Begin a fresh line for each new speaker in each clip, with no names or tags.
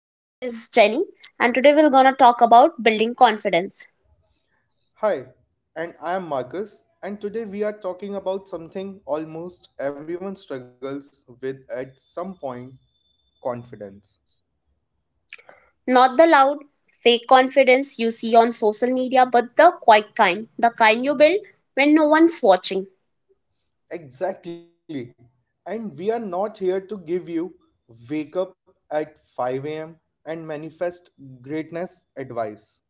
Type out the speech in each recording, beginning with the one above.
My name is Jenny, and today we're gonna talk about building confidence.
Hi, and I am Marcus, and today we are talking about something almost everyone struggles with at some point, confidence.
Not the loud, fake confidence you see on social media, but the quiet kind, the kind you build when no one's watching.
Exactly, and we are not here to give you wake up at 5 a.m. and manifest greatness advice.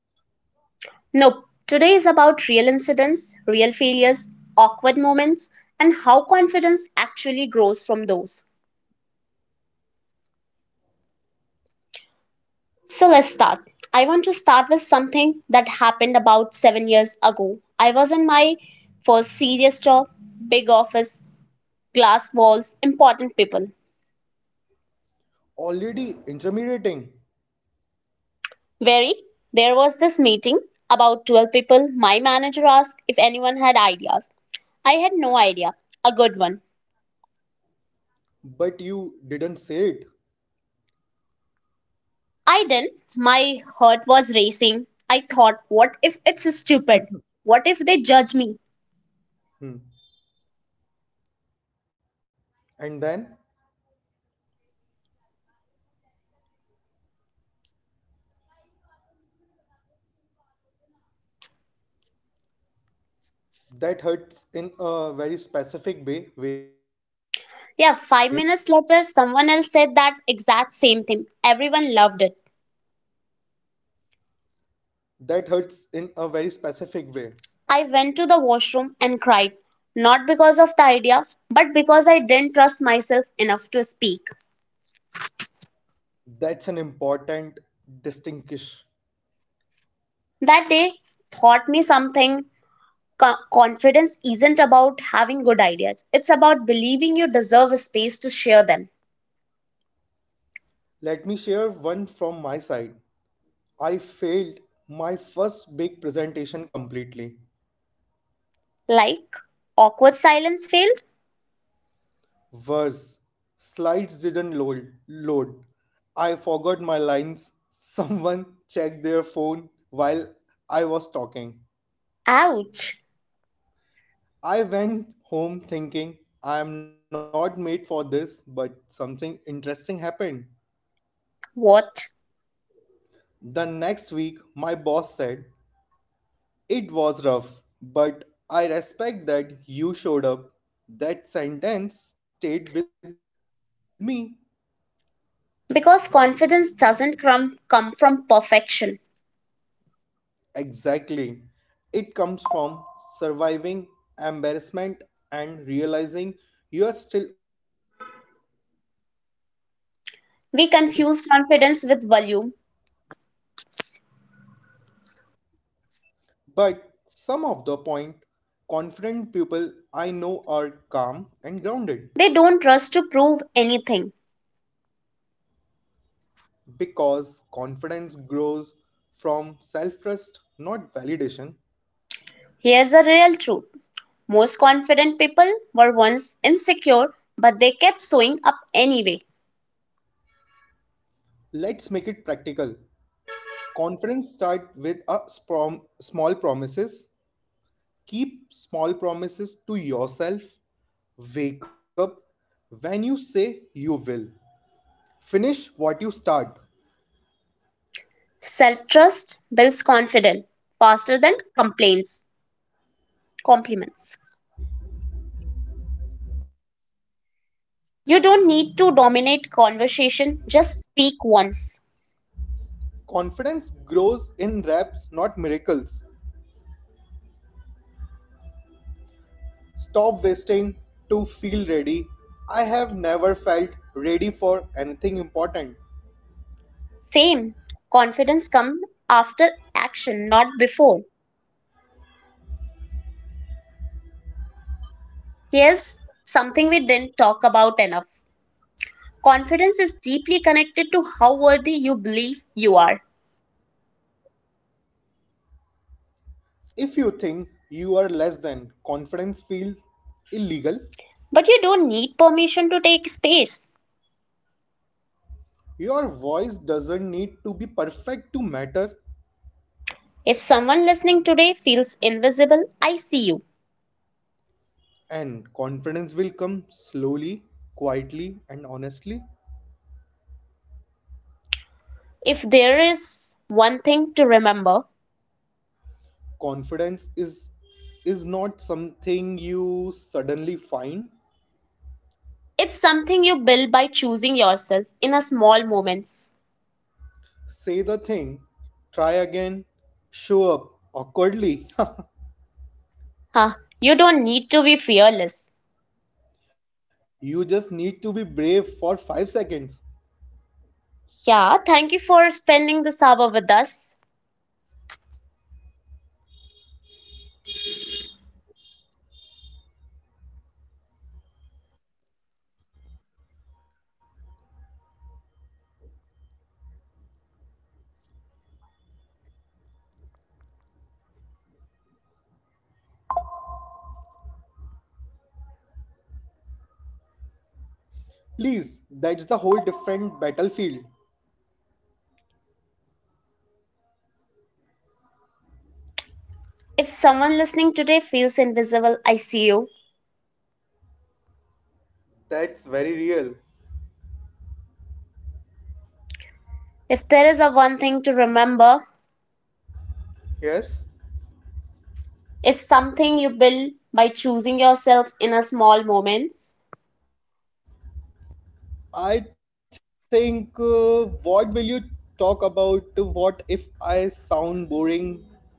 Nope, today is about real incidents, real failures, awkward moments, and how confidence actually grows from those. So let's start. I want to start with something that happened about 7 years ago. I was in my first serious job, big office, glass walls, important people.
Already intimidating,
Very, there was this meeting, about 12 people. My manager asked if anyone had ideas. I had no idea. A good one.
but you didn't say it.
I didn't. My heart was racing. I thought, what if it's stupid? What if they judge me?
Hmm. And then that hurts in a very specific way.
Yeah, 5 minutes later, someone else said that exact same thing. Everyone loved it.
That hurts in a very specific way.
I went to the washroom and cried, not because of the idea, but because I didn't trust myself enough to speak.
That's an important distinction.
That day taught me something. Confidence isn't about having good ideas, it's about believing you deserve a space to share them.
Let me share one from my side. I failed my first big presentation completely.
Like, awkward silence failed?
Worse, slides didn't load. I forgot my lines. Someone checked their phone while I was talking.
Ouch!
I went home thinking I am not made for this, but something interesting happened.
What?
The next week, my boss said, it was rough, but I respect that you showed up. That sentence stayed with me.
Because confidence doesn't come from perfection.
Exactly. It comes from surviving embarrassment and realizing you are still okay.
We confuse confidence with volume.
But some of the point, confident people I know are calm and grounded
They don't rush to prove anything.
because confidence grows from self trust, not validation.
Here's a real truth: most confident people were once insecure, but they kept showing up anyway.
Let's make it practical. Confidence start with a small promises. Keep small promises to yourself. Wake up when you say you will. Finish what you start.
Self trust builds confidence faster than complaints, compliments. You don't need to dominate conversation, just speak once.
Confidence grows in reps, not miracles. Stop wasting to feel ready. I have never felt ready for anything important.
Same, confidence comes after action, not before. Here's something we didn't talk about enough. Confidence is deeply connected to how worthy you believe you are.
If you think you are less than, confidence feels illegal.
But you don't need permission to take space.
Your voice doesn't need to be perfect to matter.
If someone listening today feels invisible, I see you.
And confidence will come slowly, quietly, and honestly.
If there is one thing to remember,
Confidence is not something you suddenly find.
it's something you build by choosing yourself in a small moments.
Say the thing, try again, show up awkwardly.
Huh, you don't need to be fearless.
You just need to be brave for 5 seconds.
Yeah, thank you for spending this hour with us.
Please, that's the whole different battlefield.
If someone listening today feels invisible, I see you.
That's very real.
If there is a one thing to remember,
Yes?
it's something you build by choosing yourself in a small moments.
I think what will you talk about? To what if I sound boring?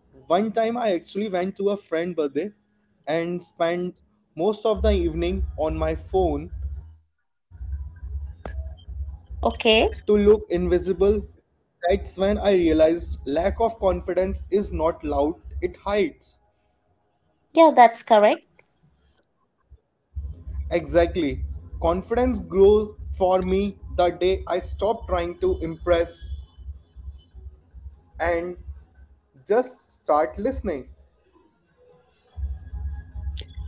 One time I actually went to a friend birthday and spent most of the evening on my phone
Okay?
to look invisible. That's when I realized lack of confidence is not loud, it hides.
Yeah, that's correct.
Exactly. Confidence grows for me the day I stop trying to impress and just start listening.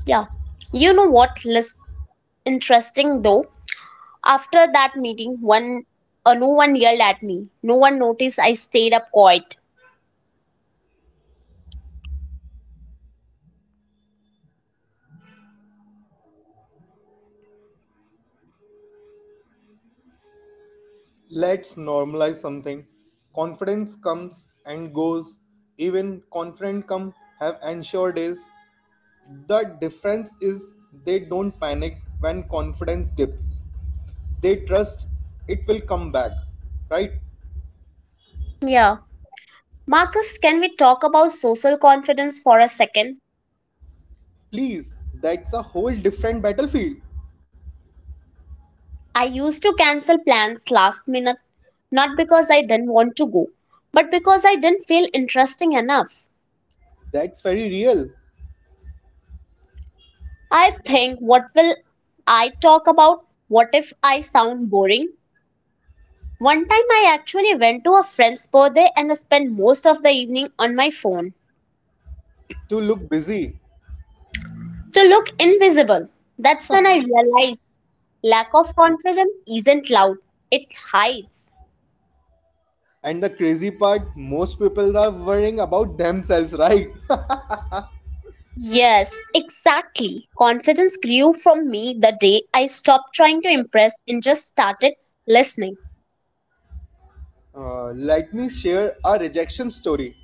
Yeah. You know what? Less interesting though. After that meeting, one no one yelled at me. No one noticed I stayed up quiet.
Let's normalize something. Confidence comes and goes. Even confident come have unsure days. The difference is they don't panic when confidence dips. They trust it will come back. Right?
Yeah. Marcus, can we talk about social confidence for a second?
Please, that's a whole different battlefield.
I used to cancel plans last minute, not because I didn't want to go, but because I didn't feel interesting enough.
That's very real.
I think, what will I talk about? What if I sound boring? One time I actually went to a friend's birthday and spent most of the evening on my phone.
To look busy.
To look invisible. That's when I realize lack of confidence isn't loud, it hides.
And the crazy part, most people are worrying about themselves, right?
Yes, exactly. Confidence grew from me the day I stopped trying to impress and just started listening.
Let me share a rejection story.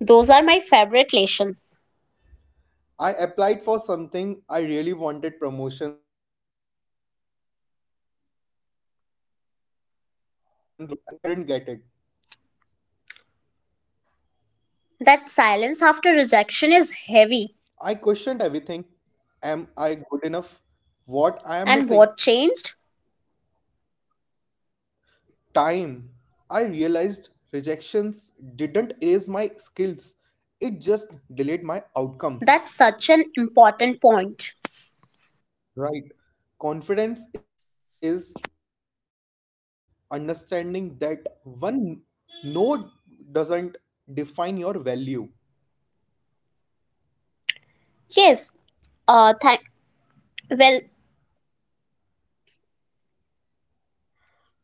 Those are my favorite lessons.
I applied for something I really wanted, promotions, new role, everything. I didn't get it.
That
I
silence
questioned
after
everything.
rejection is heavy.
Am I good enough? What I am missing?
And what changed?
Time. I realized rejections didn't erase my skills. It just delayed my outcomes.
That's such an important point.
Right. Confidence is understanding that one no doesn't define your value.
Yes, thank. Well,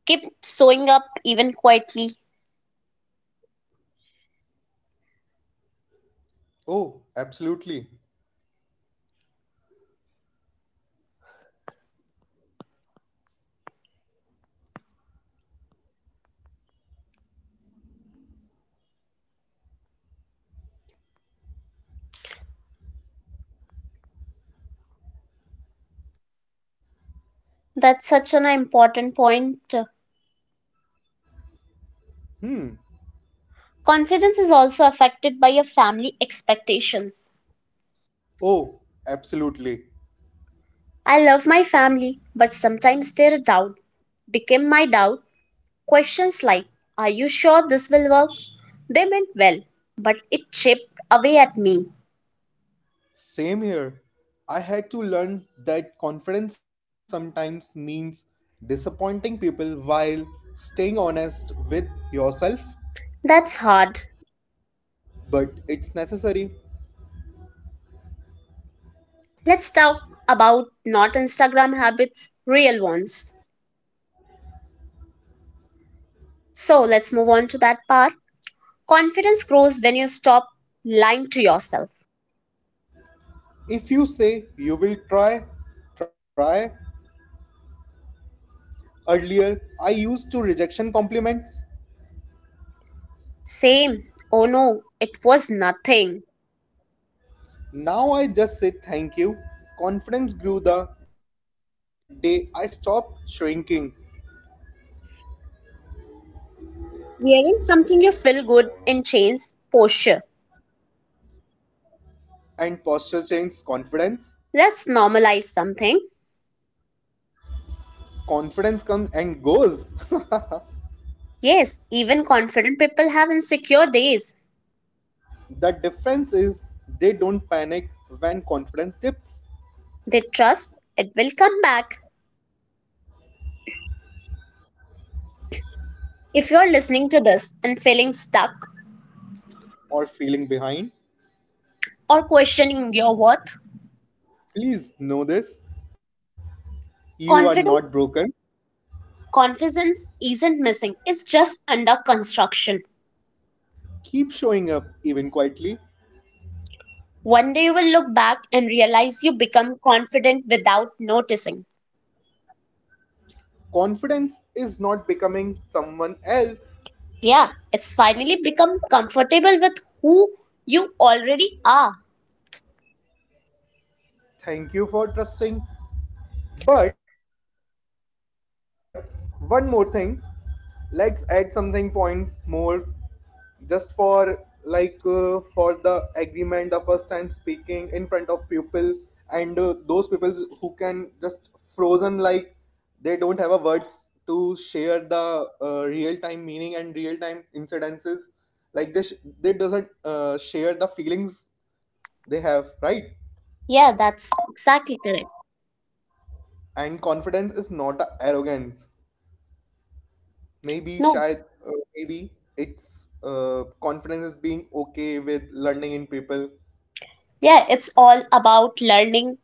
keep showing up even quietly.
Oh, absolutely.
That's such an important point. Confidence is also affected by your family expectations.
Oh, absolutely.
I love my family, but sometimes their doubt became my doubt. Questions like, are you sure this will work? They meant well, but it chipped away at me.
Same here. I had to learn that confidence sometimes means disappointing people while staying honest with yourself,
That's hard.
but it's necessary.
Let's talk about not Instagram habits, real ones. So let's move on to that part. Confidence grows when you stop lying to yourself.
If you say you will try, try. Earlier, I used to rejection compliments.
Same. Oh no, it was nothing.
Now I just say thank you. Confidence grew the day I stopped shrinking,
Wearing something you feel good in changes posture.
and posture changed confidence.
Let's normalize something.
Confidence comes and goes.
Yes, even confident people have insecure days.
The difference is they don't panic when confidence dips
They trust it will come back. If you're listening to this and feeling stuck
or feeling behind.
or questioning your worth,
Please know this, you are
confidence
not broken.
confidence isn't missing. It's just under construction.
Keep showing up even quietly.
One day you will look back and realize you become confident without noticing.
Confidence is not becoming someone else.
Yeah, it's finally become comfortable with who you already are.
Thank you for trusting. But one more thing, let's add something points more just for like for the agreement the first time speaking in front of people and those people who can just frozen like they don't have a words to share the real time meaning and real time incidences like this they doesn't share the feelings they have, right?
Yeah, that's exactly correct.
And confidence is not a arrogance, maybe
No,
shy. Maybe it's confidence is being okay with learning in people.
yeah, it's all about learning.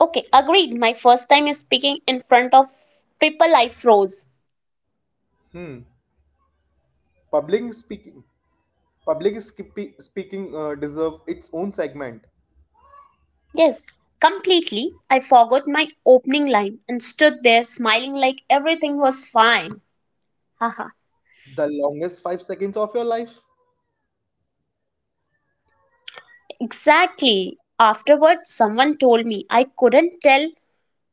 Okay, agreed. My first time is speaking in front of people, I froze.
Hmm. Public speaking, speaking deserve its own segment.
Yes, completely. I forgot my opening line and stood there smiling like everything was fine. Haha.
The longest 5 seconds of your life,
Exactly. Afterwards, someone told me I couldn't tell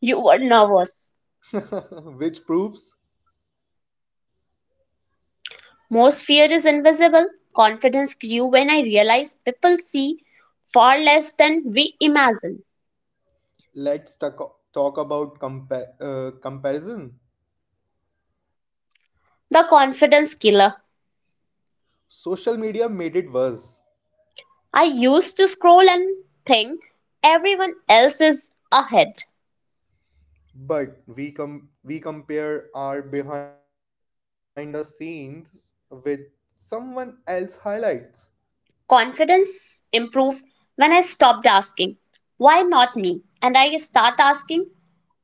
you were nervous.
which proves.
Most fear is invisible. Confidence grew when I realized people see far less than we imagine.
Let's talk about comparison.
The confidence killer.
Social media made it worse,
I used to scroll and think everyone else is ahead.
but we compare our behind the scenes with someone else highlights.
Confidence improved when I stopped asking, why not me? And I start asking,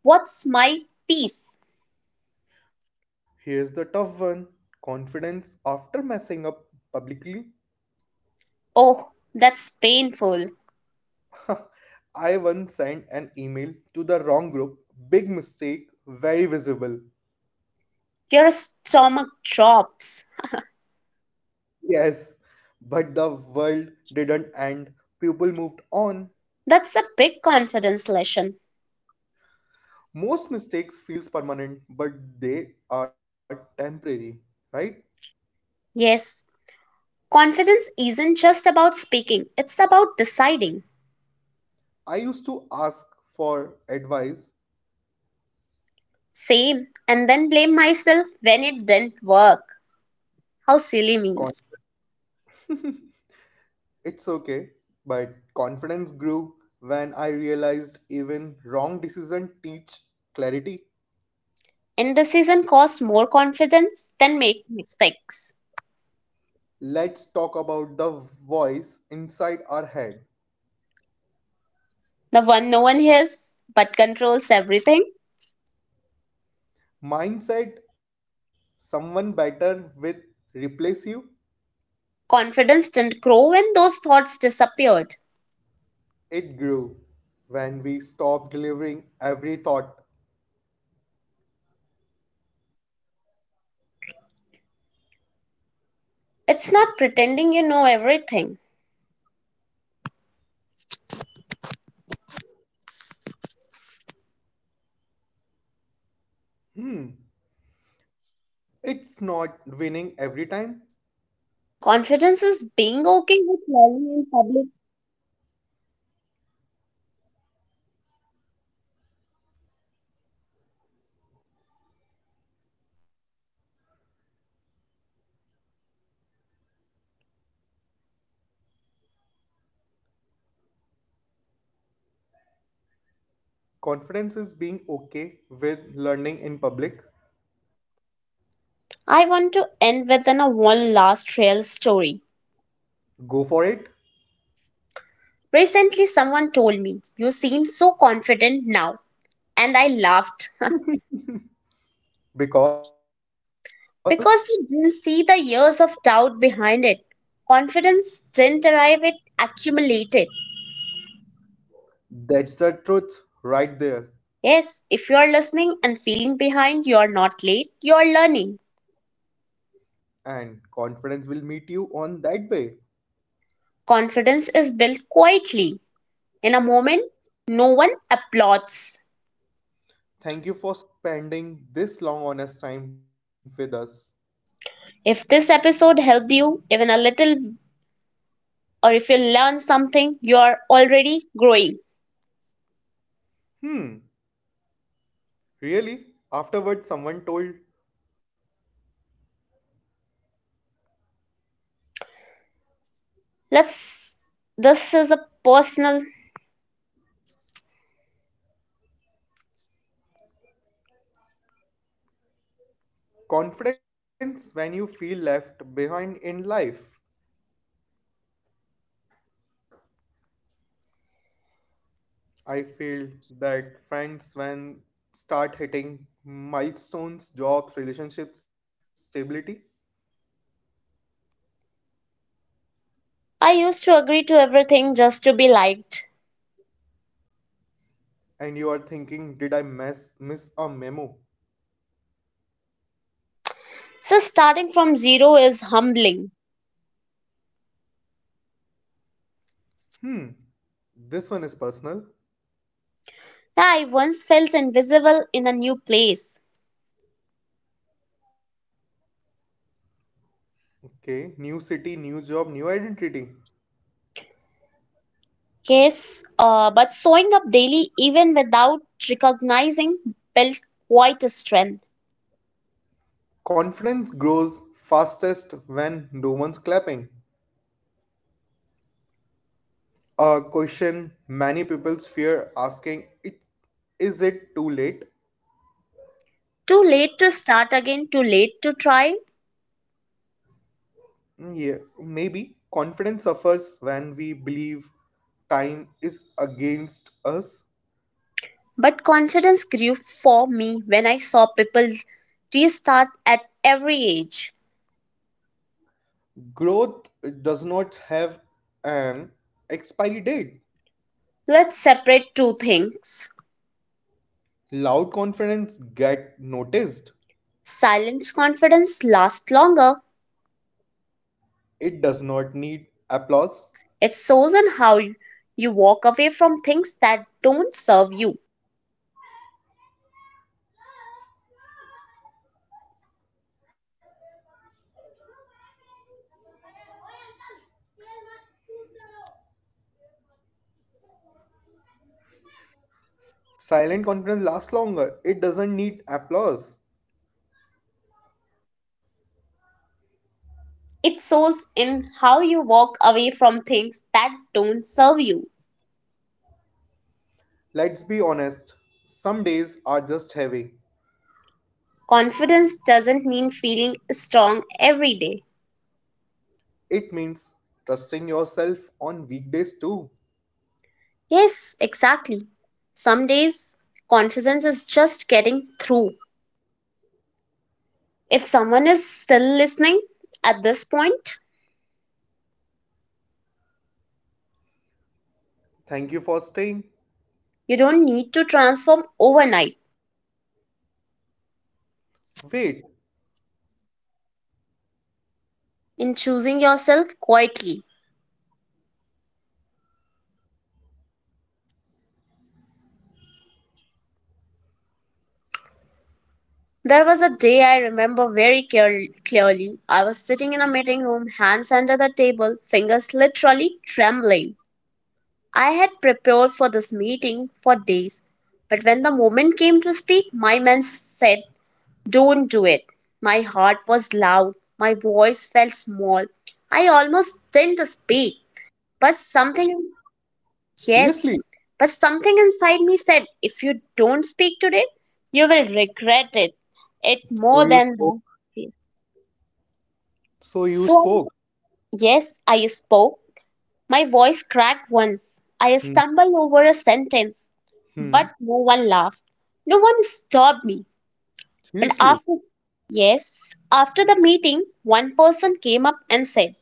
what's my piece?
Here's the tough one: confidence after messing up publicly.
Oh, that's painful.
I once sent an email to the wrong group. Big mistake, very visible.
Your stomach drops.
Yes, but the world didn't end. People moved on.
That's a big confidence lesson.
Most mistakes feels permanent, but they are temporary, right?
Yes, confidence isn't just about speaking, it's about deciding.
I used to ask for advice.
Same, and then blame myself when it didn't work. How silly me.
Con- it's okay, but confidence grew when I realized even wrong decision teach clarity.
Indecision costs more confidence than making mistakes.
Let's talk about the voice inside our head.
The one no one hears but controls everything.
Mine said, someone better will replace you.
Confidence didn't grow when those thoughts disappeared.
It grew when we stopped delivering every thought.
It's not pretending you know everything.
Hmm, it's not winning every time.
Confidence
Confidence is being okay with learning in public.
I want to end with a one last real story.
Go for it
Recently, someone told me, you seem so confident now. And I laughed
because
because they didn't see the years of doubt behind it. Confidence didn't arrive, it accumulated.
that's the truth right there.
Yes, if you're listening and feeling behind, you're not late, you're learning.
And confidence will meet you on that way.
Confidence is built quietly. In a moment, no one applauds.
Thank you for spending this long, honest time with us.
If this episode helped you even a little, or if you learn something, you are already growing.
Hmm, really? Afterwards, someone told
Let's, this is a personal.
confidence when you feel left behind in life. I feel that friends when start hitting milestones, jobs, relationships, stability,
I used to agree to everything just to be liked.
and you are thinking, did I mess miss a memo?
So, starting from zero is humbling.
Hmm, this one is personal.
Yeah, I once felt invisible in a new place.
Okay, new city, new job, new identity.
Yes, but showing up daily even without recognizing built quite a strength.
Confidence grows fastest when no one's clapping. A question many people fear asking it, is it too late?
Too late to start again, too late to try.
Mm, yeah, maybe confidence suffers when we believe time is against us.
But confidence grew for me when I saw people restart at every age.
Growth does not have an expiry date.
Let's separate two things.
Loud confidence get noticed,
Silent confidence lasts longer.
it does not need applause.
It shows in how you walk away from things that don't serve you.
Silent confidence lasts longer, it doesn't need applause.
It shows in how you walk away from things that don't serve you.
Let's be honest, some days are just heavy.
Confidence doesn't mean feeling strong every day.
It means trusting yourself on weekdays too.
Yes, exactly. Some days, confidence is just getting through. If someone is still listening at this point,
Thank you for staying.
you don't need to transform overnight.
Wait,
In choosing yourself quietly. There was a day I remember very clearly. I was sitting in a meeting room, hands under the table, fingers literally trembling. I had prepared for this meeting for days, but when the moment came to speak, my man said, don't do it. My heart was loud, my voice felt small. I almost didn't speak, but
seriously?
something. Yes, but something inside me said, if you don't speak today, you will regret it. It more
So
than
you
the
spoke?
fear.
So
So,
you spoke?
yes, I spoke. My voice cracked once. I
Hmm.
stumbled over a sentence, but
Hmm.
no one laughed. No one stopped me. But after,
Seriously?
yes, after the meeting, one person came up and said,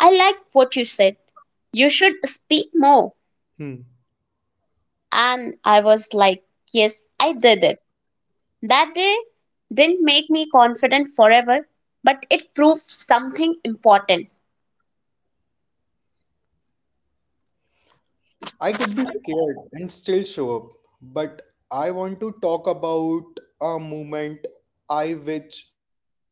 I like what you said. You should speak more.
Hmm.
And I was like, yes, I did it. That day didn't make me confident forever, but it proved something important.
I could be scared and still show up, but I want to talk about a moment I which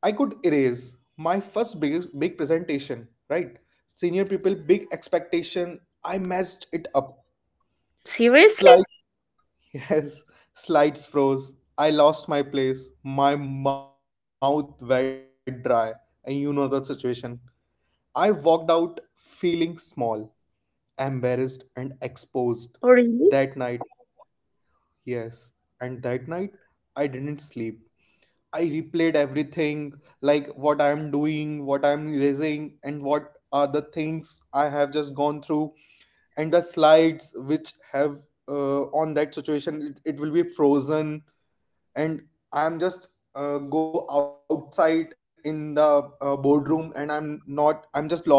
I could erase my first biggest big presentation, right? Senior people, big expectation. I messed it up.
Seriously?
Slight yes, slides froze. I lost my place, my mouth wet dry, and you know the situation. I walked out feeling small, embarrassed, and exposed.
Oh, really?
That night, yes, and that night, I didn't sleep. I replayed everything like what I'm doing, what I'm raising, and what are the things I have just gone through and the slides which have on that situation it will be frozen, and I'm just go outside in the boardroom and I'm not, I'm just lost.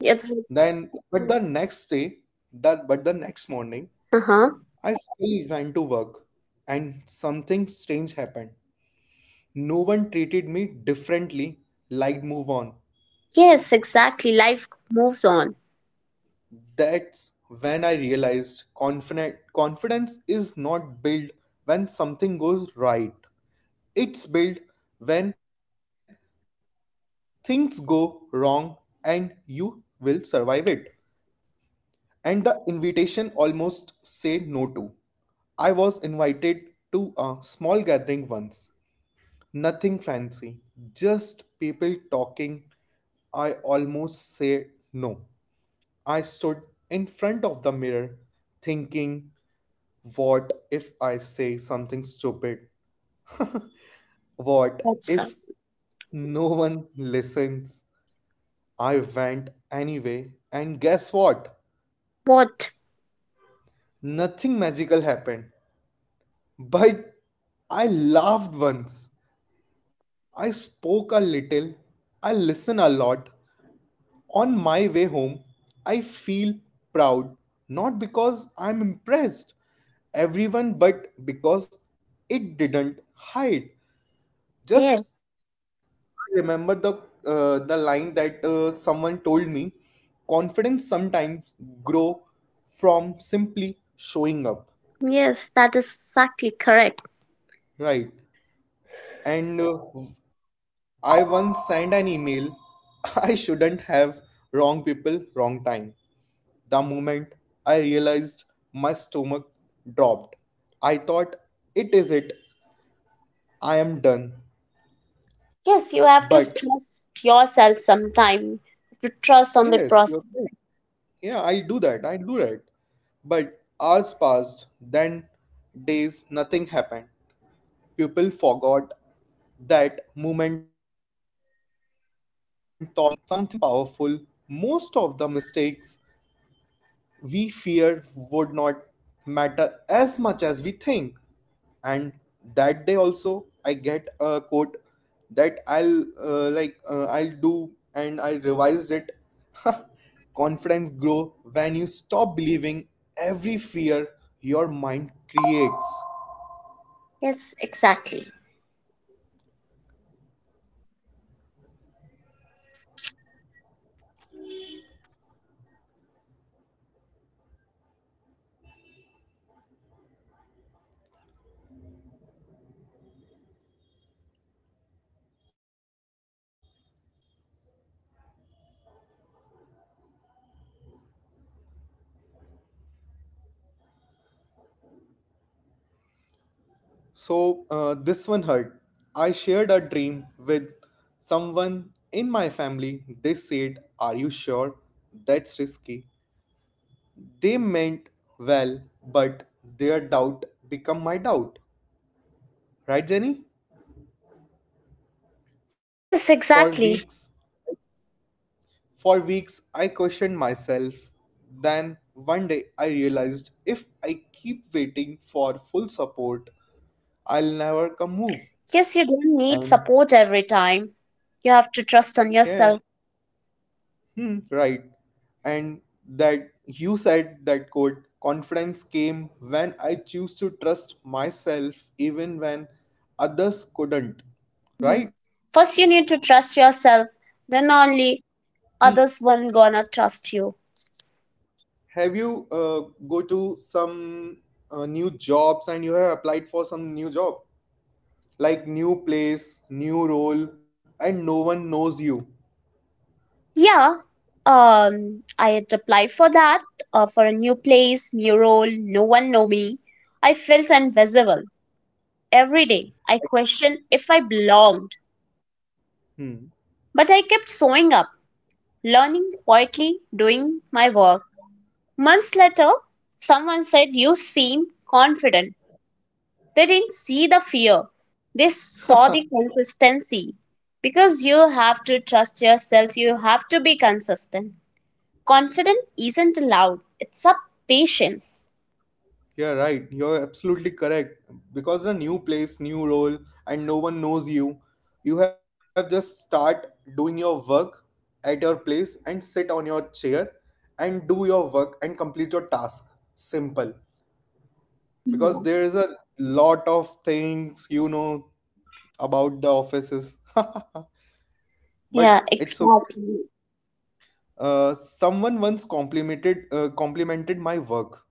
It was.
Then but the next day that but the next morning
Uh huh.
I still went to work, and something strange happened, no one treated me differently, like move on.
Yes, exactly. Life moves on.
That's when I realized confident confidence is not built when something goes right. It's built when things go wrong and you will survive it. And the invitation almost said no to. I was invited to a small gathering once. Nothing fancy, just people talking. I almost said no. I stood in front of the mirror thinking, what if I say something stupid? What
That's right.
if no one listens? I went anyway, and guess what?
What?
Nothing magical happened. But I laughed once. I spoke a little. I listened a lot. On my way home, I feel proud. Not because I'm impressed everyone, but because it didn't hide.
Yeah.
Just remember the line that someone told me. Confidence sometimes grow from simply showing up,
Yes, that is exactly correct.
right? And I once sent an email. I shouldn't have, wrong people, wrong time. The moment I realized, my stomach dropped, I thought, it is it. I am done.
Yes, you have
But
to trust yourself sometime. To trust on the
yes, you're
process.
right. Yeah, I do that. I do that. But hours passed, then days, nothing happened. People forgot, that moment taught me something powerful. Most of the mistakes we fear would not matter as much as we think, and that day also I get a quote that I'll do, and I revised it. Confidence grow when you stop believing every fear your mind creates.
Yes, exactly.
So this one hurt, I shared a dream with someone in my family, they said are you sure, that's risky, they meant well, but their doubt become my doubt. Right, Jenny?
Yes,
For
exactly.
weeks, for weeks, I questioned myself. Then one day I realized if I keep waiting for full support, I'll never come move.
Yes, you don't need
And
support every time. You have to trust on
yes,
yourself.
hmm, right. And that you said that quote, confidence came when I choose to trust myself even when others couldn't.
Mhm.
Right?
First, you need to trust yourself. Then only
Hmm.
others will gonna trust you.
Have you go to some new jobs and you have applied for some new job, like new place, new role, and no one knows you?
Yeah. Um, I had applied for that, for a new place, new role. No one know me. I felt invisible every day. I questioned if I belonged,
Hmm.
but I kept showing up, learning quietly, doing my work. Months later, someone said, "You seem confident." They didn't see the fear, they saw the consistency. Because you have to trust yourself, you have to be consistent. Confidence isn't loud, it's a patience.
Yeah, right. You're absolutely correct. Because the new place, new role, and no one knows you, you have just start doing your work at your place and sit on your chair and do your work and complete your task. Simple.
Yeah,
Because there is a lot of things, you know, about the offices. But
yeah,
it's okay.
exactly.
Someone once complimented complimented my work.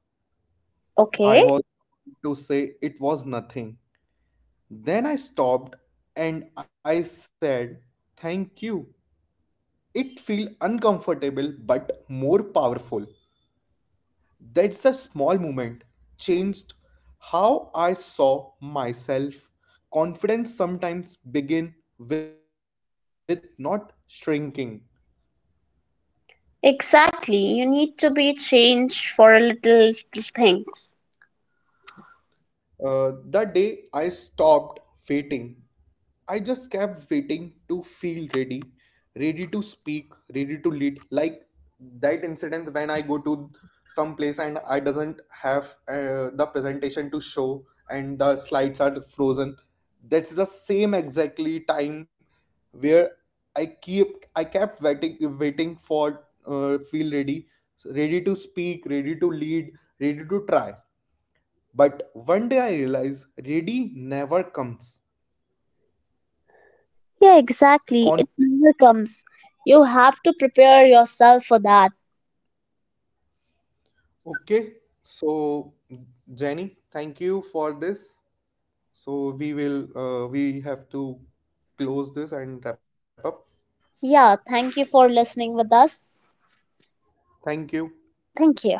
I
Okay.
was to say it was nothing. Then I stopped and I said, "Thank you." It feel uncomfortable but more powerful. That's the small moment changed how I saw myself. Confidence sometimes begin with not shrinking.
Exactly. You need to be changed for little things.
That day, I stopped waiting. I just kept waiting to feel ready, ready to speak, ready to lead. Like that incident when I go to some place and I doesn't have the presentation to show and the slides are frozen. That's the same exactly time where I kept waiting for feel ready, ready to speak, ready to lead, ready to try. But one day I realized ready never comes.
Yeah,
Con-
exactly. It never comes. You have to prepare yourself for that.
okay, so Jenny, thank you for this. So we will we have to close this and wrap up.
Yeah, thank you for listening with us.
Thank you.
Thank you.